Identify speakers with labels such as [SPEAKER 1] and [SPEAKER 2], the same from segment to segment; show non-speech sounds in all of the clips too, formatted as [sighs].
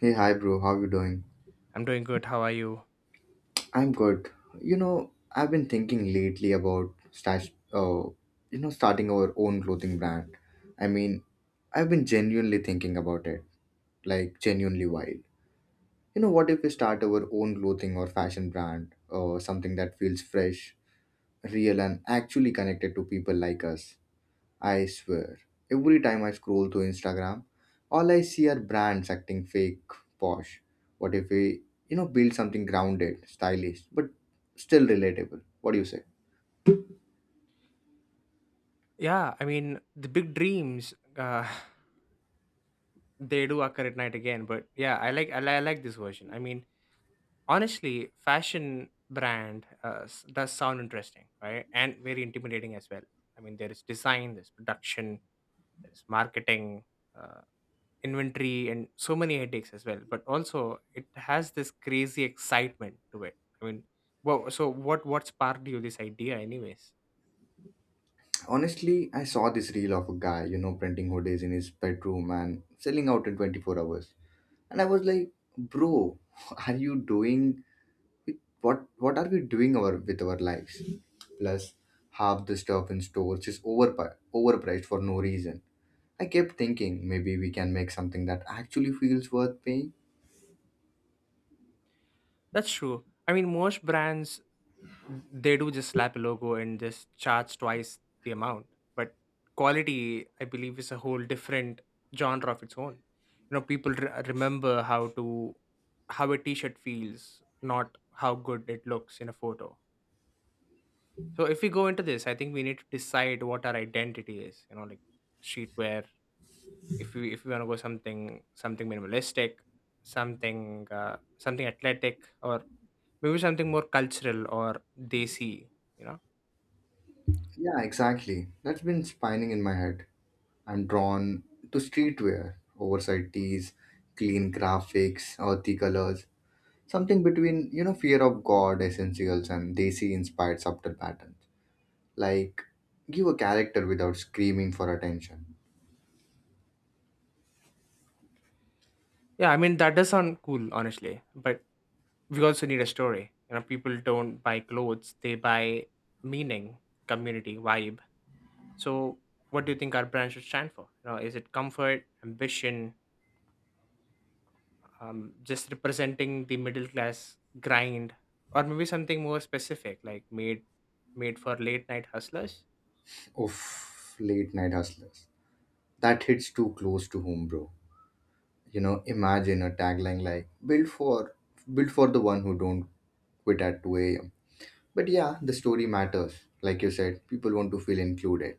[SPEAKER 1] Hey, hi, bro. How you doing?
[SPEAKER 2] I'm doing good. How are you?
[SPEAKER 1] I'm good. I've been thinking lately about stash, uh, starting our own clothing brand. I mean, I've been genuinely thinking about it, like genuinely wild. What if we start our own clothing or fashion brand, or something that feels fresh, real, and actually connected to people like us? I swear, every time I scroll through Instagram, all I see are brands acting fake, posh. What if we, build something grounded, stylish, but still relatable? What do you say?
[SPEAKER 2] Yeah, I mean the big dreams, [sighs] they do occur at night again. But yeah, I like this version. I mean, honestly, fashion brand does sound interesting, right? And very intimidating as well. I mean, there is design, there's production, there's marketing, uh, inventory, and so many headaches as well. But also, it has this crazy excitement to it. I mean, well, so what sparked you this idea, anyways?
[SPEAKER 1] Honestly, I saw this reel of a guy, printing hoodies in his bedroom and selling out in 24 hours. And I was like, bro, [laughs] are you doing what are we doing our with our lives? Plus, half the stuff in stores is overpriced for no reason. I kept thinking maybe we can make something that actually feels worth paying.
[SPEAKER 2] That's true. I mean, most brands they do just slap a logo and just charge twice the amount, but quality, I believe, is a whole different genre of its own. You know, people remember how to how a t-shirt feels, not how good it looks in a photo. So if we go into this, I think we need to decide what our identity is, you know, like streetwear. If we want to go something minimalistic, something something athletic, or maybe something more cultural, or desi, you know.
[SPEAKER 1] Yeah, exactly. That's been spinning in my head. I'm drawn to streetwear, oversized tees, clean graphics, earthy colors, something between, Fear of God essentials and desi inspired subtle patterns. Like, give a character without screaming for attention.
[SPEAKER 2] Yeah, I mean that does sound cool, honestly. But we also need a story. You know, people don't buy clothes; they buy meaning, community, vibe. So, what do you think our brand should stand for? You know, is it comfort, ambition, just representing the middle class grind, or maybe something more specific, like made for late night hustlers?
[SPEAKER 1] Oof, late night hustlers. That hits too close to home, bro. Imagine a tagline like built for the one who don't quit at 2 a.m. But yeah, the story matters. Like you said, people want to feel included.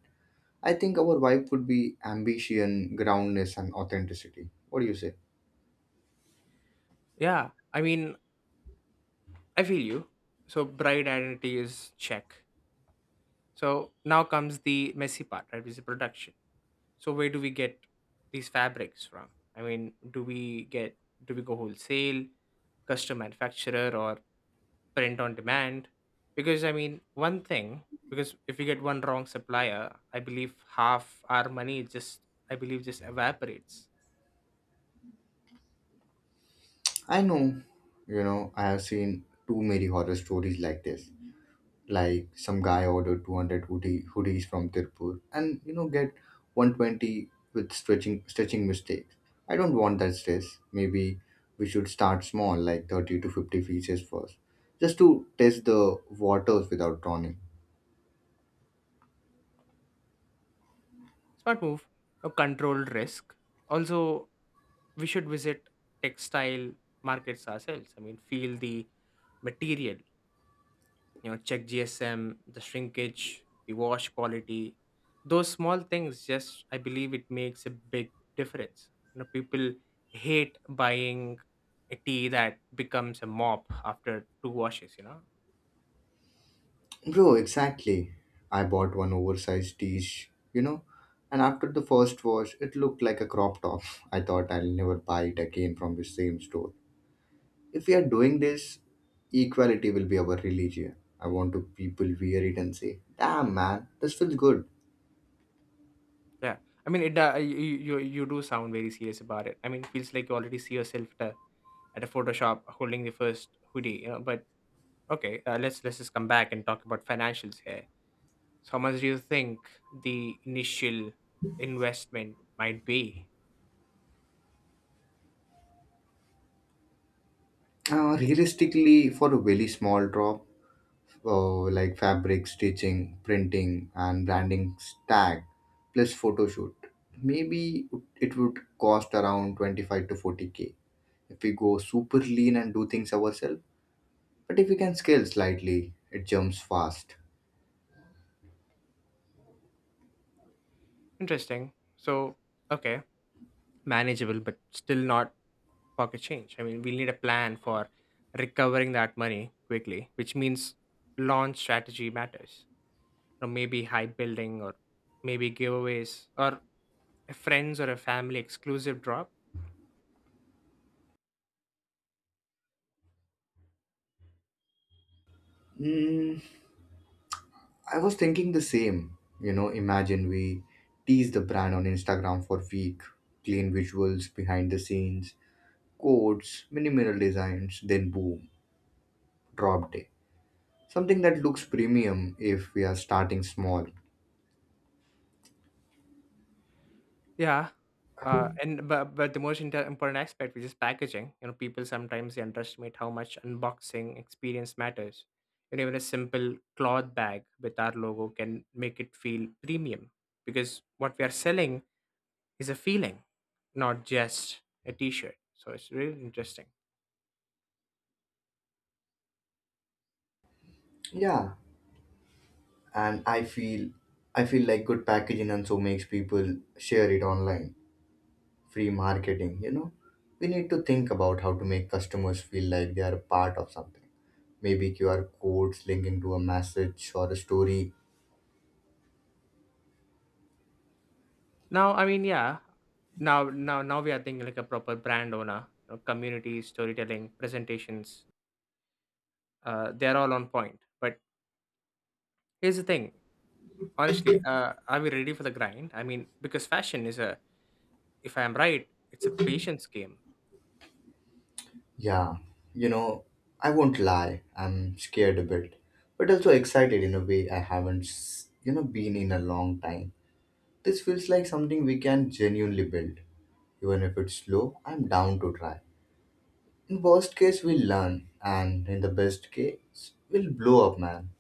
[SPEAKER 1] I think our vibe would be ambition, groundness, and authenticity. What do you say?
[SPEAKER 2] Yeah, I mean, I feel you. So, bride identity is check. So now comes the messy part, right? Which is the production. So where do we get these fabrics from? I mean, do we go wholesale, custom manufacturer, or print on demand? Because I mean, one thing, because if we get one wrong supplier, I believe half our money just, I believe, just evaporates.
[SPEAKER 1] I know. I have seen too many horror stories like this. Like some guy ordered 200 hoodies from Tirpur and get 120 with stretching stitching mistakes. I don't want that stress. Maybe we should start small, like 30 to 50 pieces first, just to test the waters without drowning.
[SPEAKER 2] Smart move, a controlled risk. Also, we should visit textile markets ourselves. I mean, feel the material, you know, check GSM, the shrinkage, the wash quality. Those small things, just, I believe, it makes a big difference. You know, people hate buying a tea that becomes a mop after two washes, you know.
[SPEAKER 1] Bro, exactly. I bought one oversized t-shirt, and after the first wash it looked like a crop top. [laughs] I thought I'll never buy it again from the same store. If we are doing this, equality will be our religion. I want to people wear it and say, damn man, this feels good.
[SPEAKER 2] Yeah, I mean it , you do sound very serious about it. I mean, it feels like you already see yourself at a photoshop holding the first hoodie, you know. But okay, let's just come back and talk about financials here. So how much do you think the initial investment might be?
[SPEAKER 1] Realistically, for a very small drop, like fabric stitching, printing, and branding tag, plus photo shoot, maybe it would cost around 25 to 40K if we go super lean and do things ourselves. But if we can scale slightly, it jumps fast.
[SPEAKER 2] Interesting. So, okay, manageable, but still not pocket change. I mean, we'll need a plan for recovering that money quickly, which means launch strategy matters. Or maybe high building, or maybe giveaways, or a friends or a family exclusive drop.
[SPEAKER 1] Hmm. I was thinking the same. Imagine we tease the brand on Instagram for week, clean visuals, behind the scenes, codes, minimal designs, then boom, drop day. Something that looks premium if we are starting small.
[SPEAKER 2] Yeah. And but the most important aspect, which is packaging, you know, people sometimes they underestimate how much unboxing experience matters. You know, even a simple cloth bag with our logo can make it feel premium, because what we are selling is a feeling, not just a T-shirt. So it's really interesting.
[SPEAKER 1] Yeah, and I feel like good packaging and so makes people share it online. Free marketing. We need to think about how to make customers feel like they are a part of something. Maybe QR codes linking to a message or a story.
[SPEAKER 2] Now, I mean, yeah, now we are thinking like a proper brand owner, you know, community storytelling presentations. They're all on point. But here's the thing. Honestly, are we ready for the grind? I mean, because fashion is a, if I am right, it's a patience game.
[SPEAKER 1] Yeah, you know, I won't lie, I'm scared a bit, but also excited in a way I haven't been in a long time. This feels like something we can genuinely build. Even if it's slow, I'm down to try. In worst case, we'll learn, and in the best case, we'll blow up, man.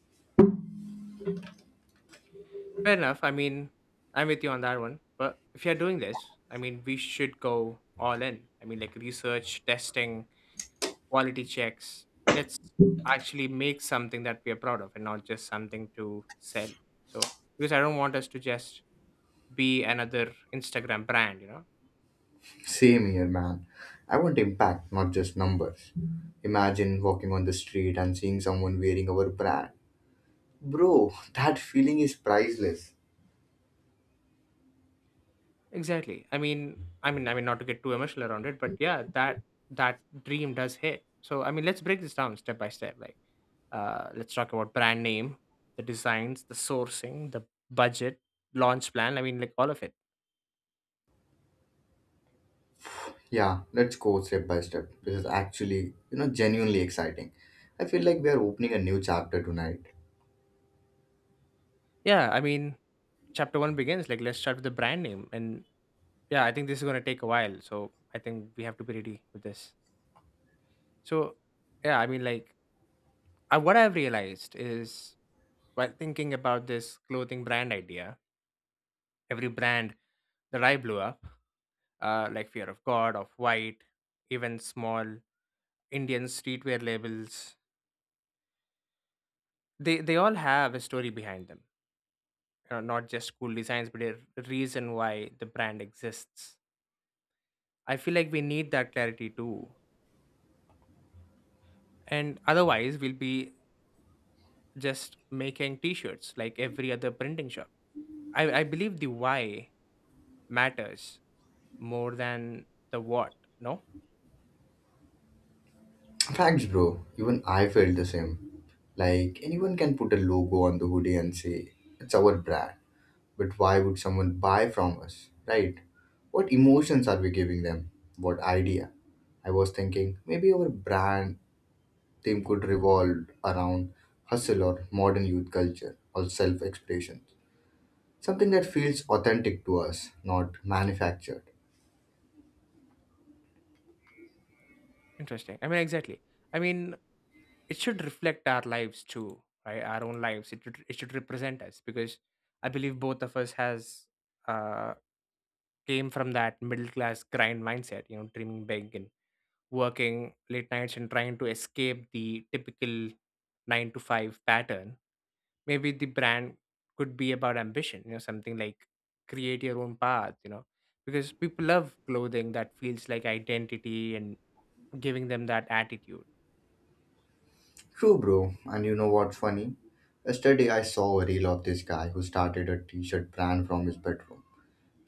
[SPEAKER 2] Fair enough. I mean, I'm with you on that one. But if you're doing this, I mean, we should go all in. I mean, like research, testing, quality checks. Let's actually make something that we are proud of and not just something to sell. So, because I don't want us to just be another Instagram brand, you know?
[SPEAKER 1] Same here, man. I want impact, not just numbers. Imagine walking on the street and seeing someone wearing our brand. Bro, [laughs] that feeling is priceless.
[SPEAKER 2] Exactly. I mean, not to get too emotional around it, but yeah, that dream does hit. So, I mean, let's break this down step by step. Like, let's talk about brand name, the designs, the sourcing, the budget, launch plan. I mean, like all of it.
[SPEAKER 1] Yeah, let's go step by step. This is actually, genuinely exciting. I feel like we are opening a new chapter tonight.
[SPEAKER 2] Yeah. I mean, chapter one begins. Like, let's start with the brand name, and yeah, I think this is gonna take a while. So, I think we have to be ready with this. So, yeah, I mean, like, I, what I've realized is while thinking about this clothing brand idea, every brand that I blew up like Fear of God, of White, even small Indian streetwear labels. They all have a story behind them, you know, not just cool designs, but a reason why the brand exists. I feel like we need that clarity too, and otherwise we'll be just making T-shirts like every other printing shop. I believe the why matters more than the what. No,
[SPEAKER 1] Facts, bro. Even I felt the same. Like, anyone can put a logo on the hoodie and say, it's our brand. But why would someone buy from us, right? What emotions are we giving them? What idea? I was thinking maybe our brand theme could revolve around hustle or modern youth culture or self expression. Something that feels authentic to us, not manufactured.
[SPEAKER 2] interesting. I mean, exactly. I mean, it should reflect our lives too, right? Our own lives. It should represent us, because I believe both of us has uh came from that middle class grind mindset, you know, dreaming big and working late nights and trying to escape the typical 9 to 5 pattern. Maybe the brand could be about ambition, you know, something like create your own path, you know, because people love clothing that feels like identity and giving them that attitude.
[SPEAKER 1] True, bro. And you know what's funny? Yesterday I saw a reel of this guy who started a t shirt brand from his bedroom.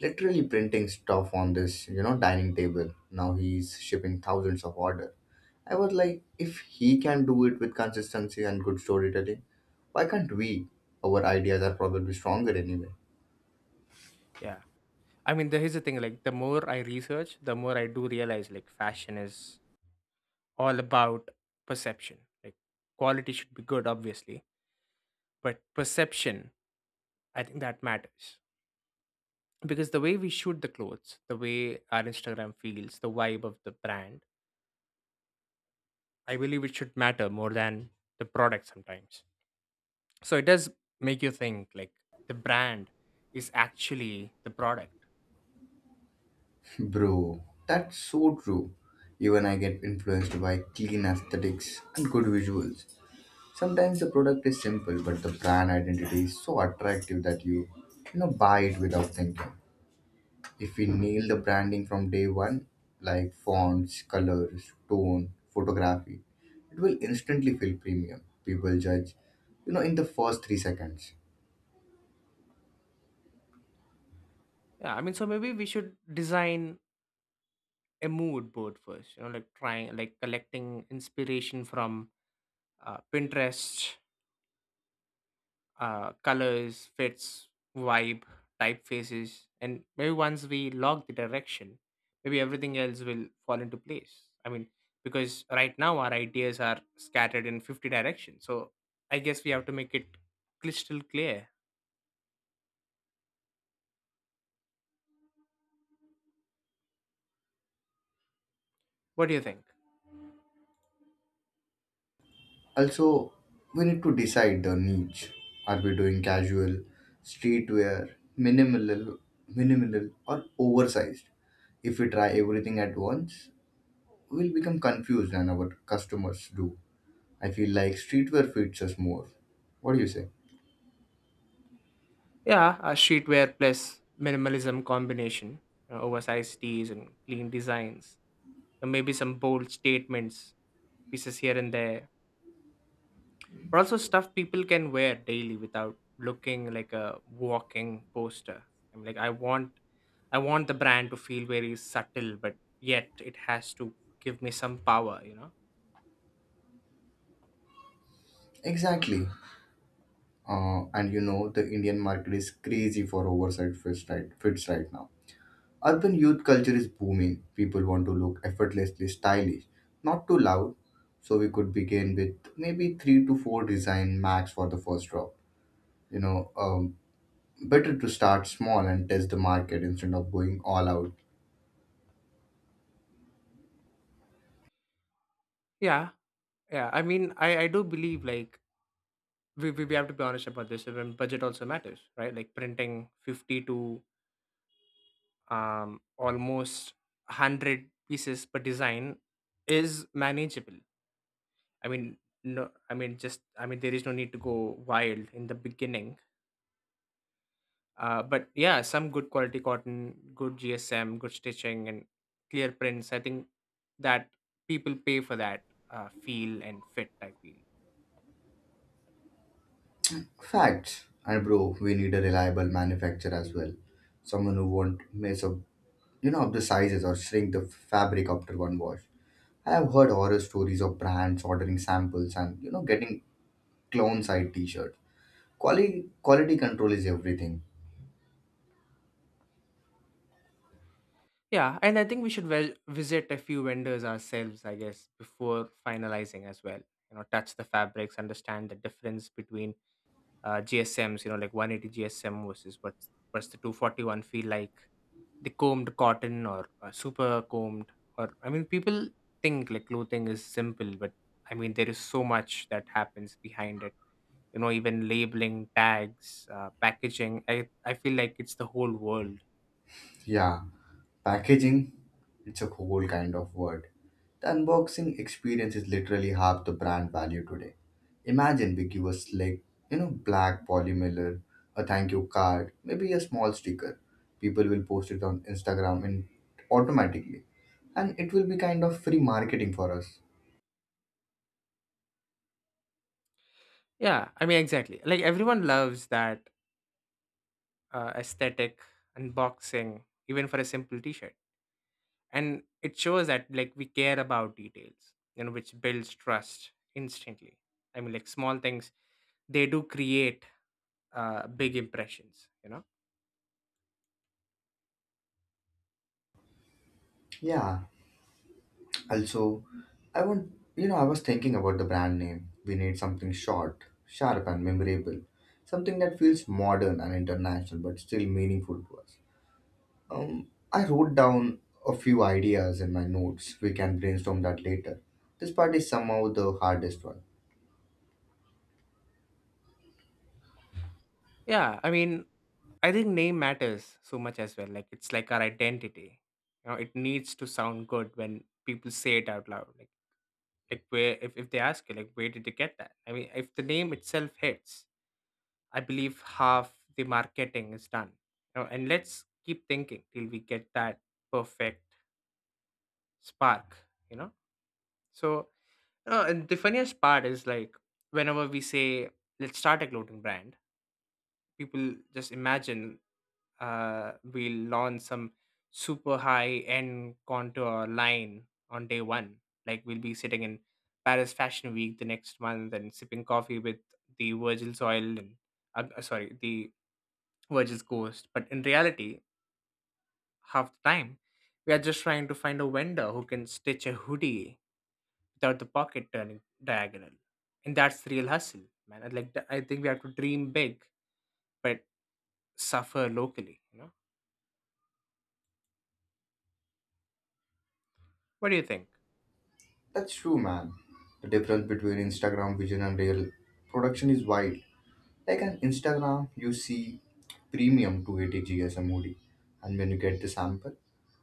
[SPEAKER 1] Literally printing stuff on this, dining table. Now he's shipping thousands of orders. I was like, if he can do it with consistency and good storytelling, why can't we? Our ideas are probably stronger anyway.
[SPEAKER 2] Yeah, I mean, here's the thing, like, the more I research, the more I do realize, like, fashion is all about perception. Like, quality should be good, obviously, but perception, I think that matters. Because the way we shoot the clothes, the way our Instagram feels, the vibe of the brand, I believe it should matter more than the product sometimes. So it does make you think, like, the brand is actually the product.
[SPEAKER 1] [laughs] Bro, that's so true. Even I get influenced by clean aesthetics and good visuals. Sometimes the product is simple, but the brand identity is so attractive that you, buy it without thinking. If we nail the branding from day one, like fonts, colors, tone, photography, it will instantly feel premium. People judge, in the first 3 seconds.
[SPEAKER 2] Yeah, I mean, so maybe we should design a mood board first, you know, like trying, like collecting inspiration from Pinterest, colors, fits, vibe, typefaces, and maybe once we log the direction, maybe everything else will fall into place. I mean, because right now our ideas are scattered in 50 directions, so I guess we have to make it crystal clear. What do you think?
[SPEAKER 1] Also, we need to decide the niche. Are we doing casual, streetwear, minimal, minimal, or oversized? If we try everything at once, we'll become confused and our customers do. I feel like streetwear fits us more. What do you say?
[SPEAKER 2] Yeah, a streetwear plus minimalism combination, oversized tees and clean designs, and maybe some bold statements, pieces here and there, but also stuff people can wear daily without looking like a walking poster. I'm like, I want, I want the brand to feel very subtle, but yet it has to give me some power, you know?
[SPEAKER 1] Exactly. And the Indian market is crazy for oversized fits right now. Urban youth culture is booming. People want to look effortlessly stylish, not too loud. So we could begin with maybe three to four design max for the first drop. You know, um, Better to start small and test the market instead of going all out.
[SPEAKER 2] Yeah, yeah. I mean, I do believe, like, we have to be honest about this. Even budget also matters, right? Like printing 50 to almost 100 pieces per design is manageable. I mean no i mean just i mean there is no need to go wild in the beginning. But yeah, some good quality cotton, good GSM, good stitching, and clear prints, I think that people pay for that feel and fit, I feel.
[SPEAKER 1] Facts. And bro, we need a reliable manufacturer as well. Someone who won't mess up, up the sizes or shrink the fabric after one wash. I have heard horror stories of brands ordering samples and getting clone side t-shirts. Quality control is everything.
[SPEAKER 2] Yeah, and I think we should visit a few vendors ourselves, I guess, before finalizing as well. You know, touch the fabrics, understand the difference between GSMs, you know, like 180 GSM versus what's the 241 feel like? The combed cotton, or super combed, or I mean, people think, like, clothing is simple, but I mean, there is so much that happens behind it. You know, even labeling, tags, packaging. I feel like it's the whole world.
[SPEAKER 1] Yeah, packaging, it's a whole kind of word. The unboxing experience is literally half the brand value today. Imagine we give a slick, black poly mailer, a thank you card, maybe a small sticker. People will post it on Instagram and automatically. And it will be kind of free marketing for us.
[SPEAKER 2] Yeah, I mean, exactly. Like everyone loves that aesthetic unboxing, even for a simple T-shirt. And it shows that, like, we care about details, you know, which builds trust instantly. I mean, like, small things, they do create big impressions, you know.
[SPEAKER 1] Yeah, also, I want you know I was thinking about the brand name. We need something short, sharp, and memorable. Something that feels modern and international, but still meaningful to us. I wrote down a few ideas in my notes. We can brainstorm that later. This part is somehow the hardest one.
[SPEAKER 2] Yeah, I mean, I think name matters so much as well. Like, it's like our identity. You know, it needs to sound good when people say it out loud, like where if they ask you, like, where did you get that? I mean, if the name itself hits, I believe half the marketing is done, you know. And let's keep thinking till we get that perfect spark, you know. So, and the funniest part is, like, whenever we say let's start a clothing brand, people just imagine we'll launch some super high end contour line on day one, like we'll be sitting in Paris Fashion Week the next month and sipping coffee with the Virgil's oil and sorry, the Virgil's ghost. But in reality, half the time we are just trying to find a vendor who can stitch a hoodie without the pocket turning diagonal. And that's real hustle, man. And like, I think we have to dream big, but suffer locally. You know, what do you think?
[SPEAKER 1] That's true, man. The difference between Instagram vision and real production is wild. Like on Instagram, you see premium 280G as a moody, and when you get the sample,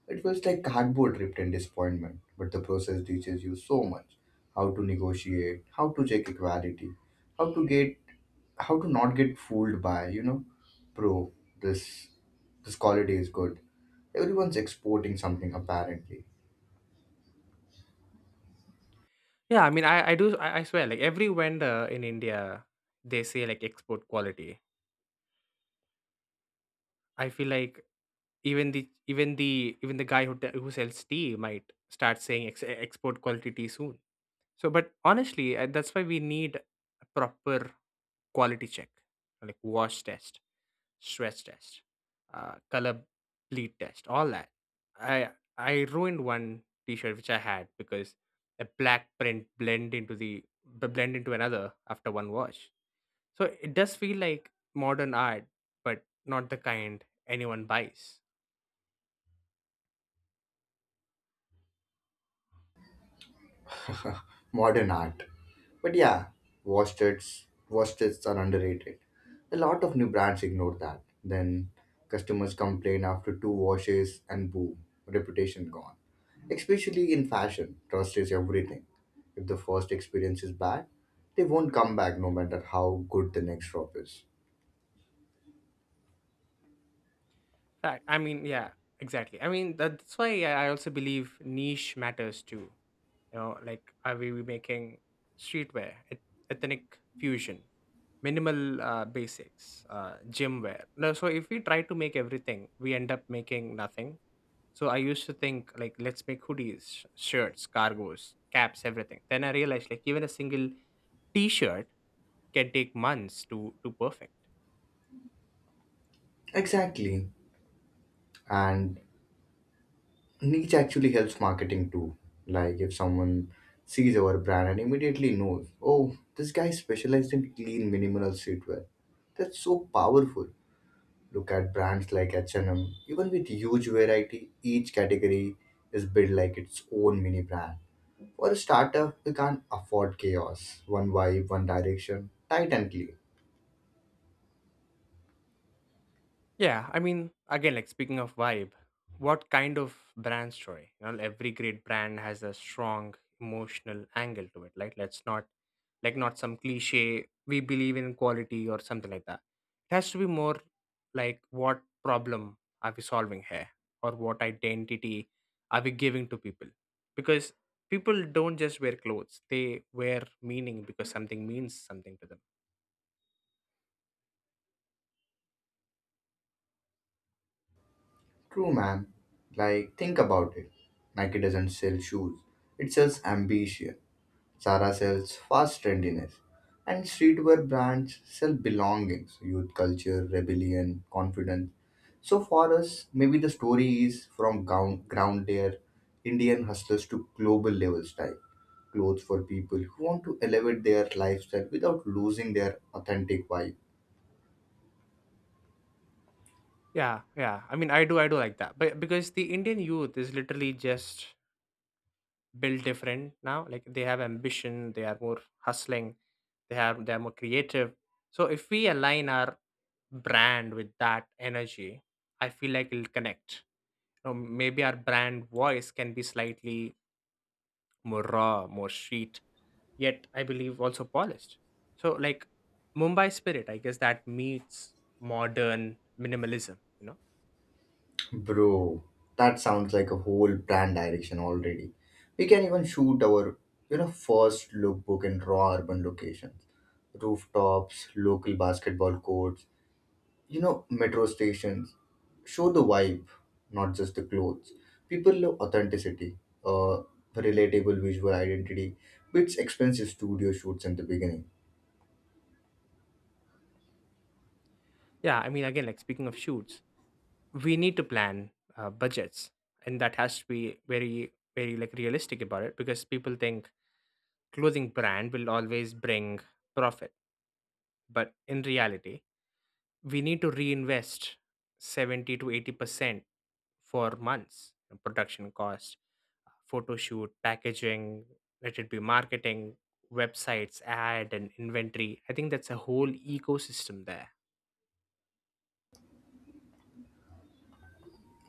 [SPEAKER 1] it feels like cardboard ripped in disappointment. But the process teaches you so much: how to negotiate, how to check equality, how to get, how to not get fooled by you know, pro this this quality is good. Everyone's exporting something apparently.
[SPEAKER 2] Yeah, I mean, I swear, like every vendor in India, they say like export quality. I feel like even the even the guy who who sells tea might start saying export quality tea soon. So but honestly, that's why we need a proper quality check, like wash test, stress test, color bleed test, all that. I I ruined one T-shirt which I had because a black print blend into the blend into another after one wash. So it does feel like modern art, but not the kind anyone buys.
[SPEAKER 1] Modern art. But yeah, washtubs are underrated. A lot of new brands ignore that. Then customers complain after two washes and boom, reputation gone. Especially in fashion, trust is everything. If the first experience is bad, they won't come back no matter how good the next drop is.
[SPEAKER 2] Fact. I mean, yeah, exactly. I mean, that's why I also believe niche matters too. You know, like are we making streetwear, ethnic fusion? Minimal basics, gym wear? No, so if we try to make everything, we end up making nothing. So I used to think like let's make hoodies, shirts, cargos, caps, everything. Then I realized like even a single t-shirt can take months to perfect.
[SPEAKER 1] Exactly. And niche actually helps marketing too. Like if someone sees our brand and immediately knows, oh, this guy specialized in clean minimal streetwear. That's so powerful. Look at brands like H&M. Even with huge variety, each category is built like its own mini brand. For a startup, we can't afford chaos. One vibe, one direction, tight and clean.
[SPEAKER 2] Yeah, I mean, again, like speaking of vibe, what kind of brand story? You know, every great brand has a strong emotional angle to it. Like, let's not, like, not some cliche, we believe in quality or something like that. It has to be more like, what problem are we solving here? Or what identity are we giving to people? Because people don't just wear clothes, they wear meaning because something means something to them.
[SPEAKER 1] True, man. Like, think about it. Nike doesn't sell shoes, it sells ambition. Zara sells fast trendiness, and streetwear brands sell belongings, youth culture, rebellion, confidence. So for us, maybe the story is from ground layer Indian hustlers to global level style clothes for people who want to elevate their lifestyle without losing their authentic vibe.
[SPEAKER 2] Yeah, yeah. I mean, I do like that. But because the Indian youth is literally just built different now. Like they have ambition, they are more hustling, they are more creative. So if we align our brand with that energy, I feel like it'll connect. You know, maybe our brand voice can be slightly more raw, more street, yet I believe also polished. So like Mumbai spirit, I guess, that meets modern minimalism. You know.
[SPEAKER 1] Bro, that sounds like a whole brand direction already. We can even shoot our, first lookbook in raw urban locations. Rooftops, local basketball courts, metro stations. Show the vibe, not just the clothes. People love authenticity, uh, relatable visual identity, which expensive studio shoots in the beginning.
[SPEAKER 2] Yeah, I mean, again, like speaking of shoots, we need to plan budgets, and that has to be very very like realistic about it because people think clothing brand will always bring profit, but in reality we need to reinvest 70 to 80%. For months, production cost, photo shoot, packaging, let it be marketing, websites, ad, and inventory. I think that's a whole ecosystem there.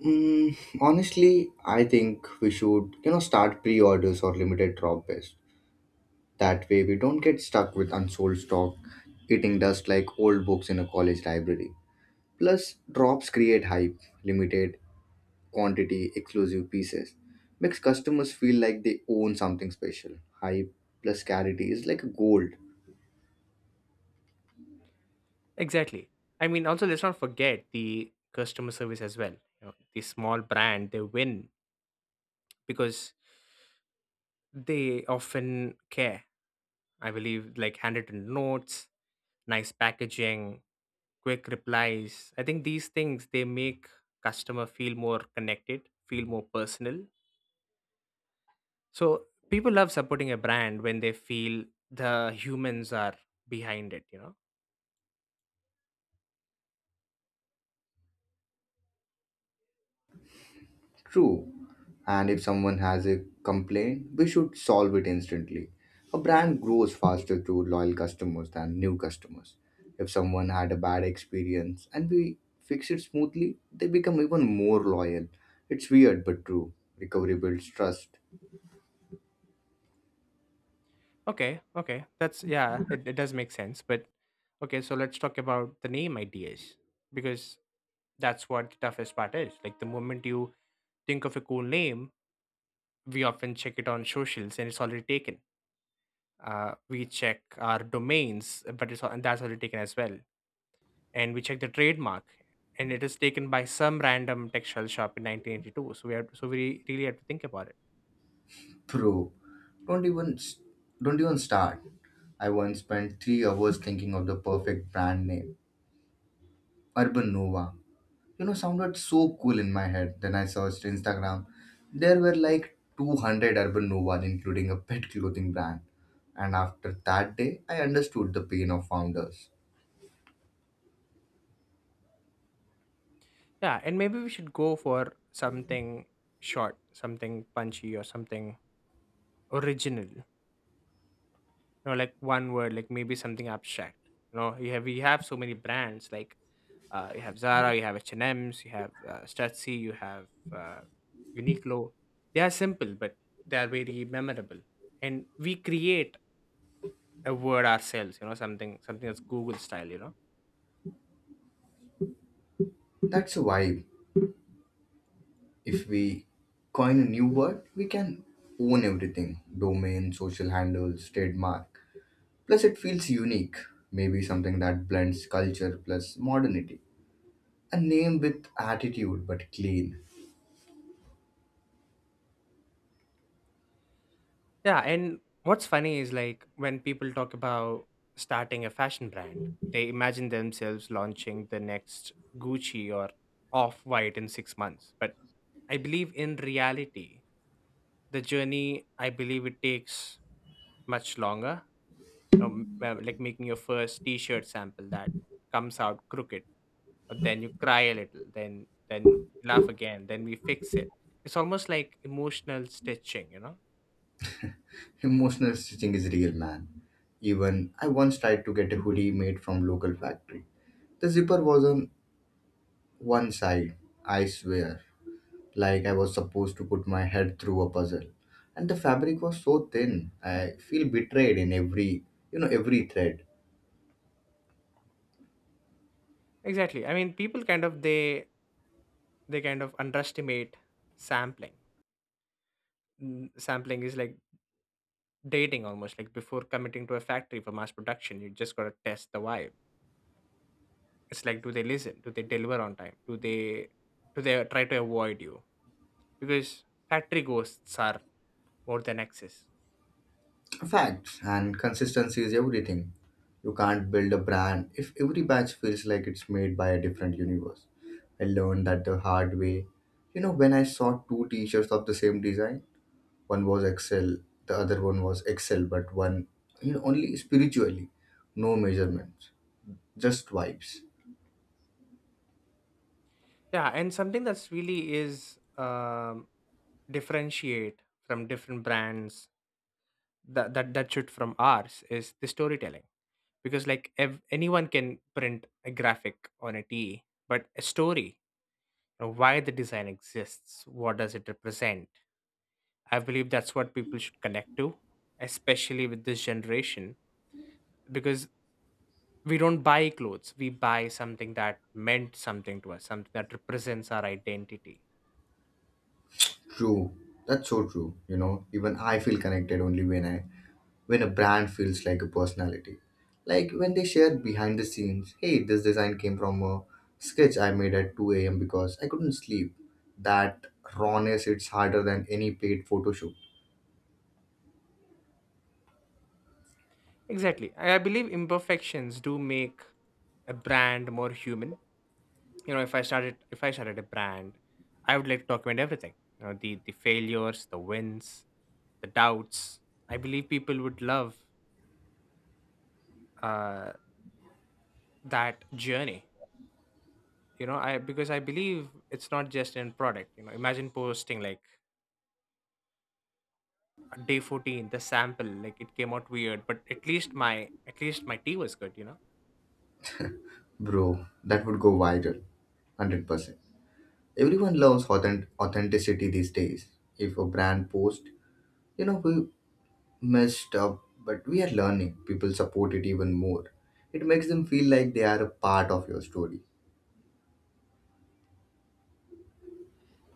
[SPEAKER 1] Honestly, I think we should, start pre-orders or limited drop best. That way, we don't get stuck with unsold stock, eating dust like old books in a college library. Plus, drops create hype, limited quantity, exclusive pieces. Makes customers feel like they own something special. Hype plus scarcity is like gold.
[SPEAKER 2] Exactly. I mean, also let's not forget the customer service as well. You know, the small brand, they win because they often care. I believe like handwritten notes, nice packaging, quick replies. I think these things, they make customer feel more connected, feel more personal. So people love supporting a brand when they feel the humans are behind it. You know.
[SPEAKER 1] True. And if someone has a complaint, we should solve it instantly. A brand grows faster through loyal customers than new customers. If someone had a bad experience and we fix it smoothly, they become even more loyal. It's weird but true. Recovery builds trust.
[SPEAKER 2] Okay, okay. That's, yeah, it does make sense. But okay, so let's talk about the name ideas because that's what the toughest part is. Like the moment you think of a cool name, we often check it on socials and it's already taken. We check our domains, but it's al- and that's already taken as well. And we check the trademark, and it is taken by some random textile shop in 1982. So we really have to think about it.
[SPEAKER 1] True. Don't even don't even start. I once spent 3 hours thinking of the perfect brand name, Urban Nova. Sounded so cool in my head. Then I searched Instagram. There were like 200 Urban Novas, including a pet clothing brand. And after that day I understood the pain of founders.
[SPEAKER 2] Yeah, and maybe we should go for something short, something punchy, or something original. You know, like one word, like maybe something abstract. You know, you have, we have so many brands, like you have Zara, you have H&Ms, you have Stussy, you have uh, Uniqlo. They are simple, but they are very memorable. And we create a word ourselves, you know, something that's Google style, you know.
[SPEAKER 1] That's a vibe. If we coin a new word, we can own everything: domain, social handles, trademark. Plus it feels unique. Maybe something that blends culture plus modernity, a name with attitude but clean.
[SPEAKER 2] Yeah, and what's funny is like when people talk about starting a fashion brand, they imagine themselves launching the next Gucci or off white in 6 months. But I believe in reality, the journey, I believe it takes much longer. Like making your first T-shirt sample that comes out crooked, but then you cry a little, then laugh again, then we fix it. It's almost like emotional stitching, you know?
[SPEAKER 1] Emotional stitching is real, man. Even I once tried to get a hoodie made from local factory. The zipper was on one side, I swear, like I was supposed to put my head through a puzzle. And the fabric was so thin, I feel betrayed in every thread.
[SPEAKER 2] Exactly. I mean, people kind of underestimate sampling. Mm, sampling is like dating, almost like before committing to a factory for mass production, you just gotta test the vibe. It's like, do they listen? Do they deliver on time? Do they try to avoid you? Because factory ghosts are more than excess.
[SPEAKER 1] Facts and consistency is everything. You can't build a brand if every batch feels like it's made by a different universe. I learned that the hard way. When I saw two t shirts of the same design, one was excel, the other one was excel, but one, you know, only spiritually, no measurements, just vibes.
[SPEAKER 2] Yeah, and something that's really is, differentiate from different brands, that should from ours is the storytelling. Because like anyone can print a graphic on a TE, but a story, you know, why the design exists, what does it represent? I believe that's what people should connect to, especially with this generation, because we don't buy clothes, we buy something that meant something to us, something that represents our identity.
[SPEAKER 1] True. That's so true. You know even I feel connected only when a brand feels like a personality. Like when they share behind the scenes, hey, this design came from a sketch I made at 2 a.m because I couldn't sleep. That rawness, it's harder than any paid photo shoot.
[SPEAKER 2] Exactly. I believe imperfections do make a brand more human. You know, if I started a brand, I would like to document everything. You know, the failures, the wins, the doubts. I believe people would love uh, that journey. You know i because I believe it's not just in product. You know, imagine posting like on day 14 the sample like it came out weird, but at least my tea was good, you know.
[SPEAKER 1] Bro, that would go viral, 100%. Everyone loves authenticity these days. If a brand posts, we messed up, but we are learning. People support it even more. It makes them feel like they are a part of your story.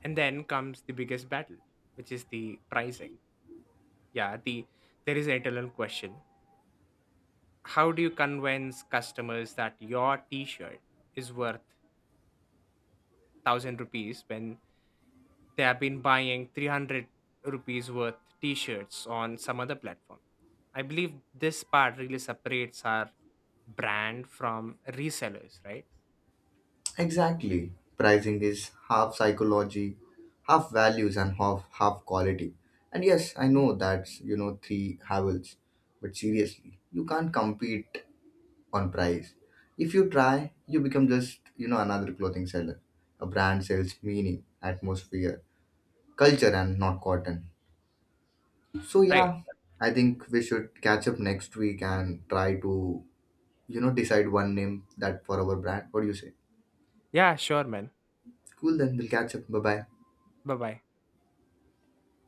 [SPEAKER 2] And then comes the biggest battle, which is the pricing. Yeah, there is an eternal question. How do you convince customers that your t-shirt is worth 1000 rupees when they have been buying 300 rupees worth t-shirts on some other platform? I believe this part really separates our brand from resellers, right?
[SPEAKER 1] Exactly. Pricing is half psychology, half values, and half quality. And yes, I know that's three havels, but seriously, you can't compete on price. If you try, you become just another clothing seller. A brand sells meaning, atmosphere, culture and not cotton. So
[SPEAKER 2] Right.
[SPEAKER 1] yeah, I think we should catch up next week and try to, decide one name that for our brand. What do you say?
[SPEAKER 2] Yeah, sure, man.
[SPEAKER 1] Cool then, we'll catch up. Bye bye.
[SPEAKER 2] Bye bye.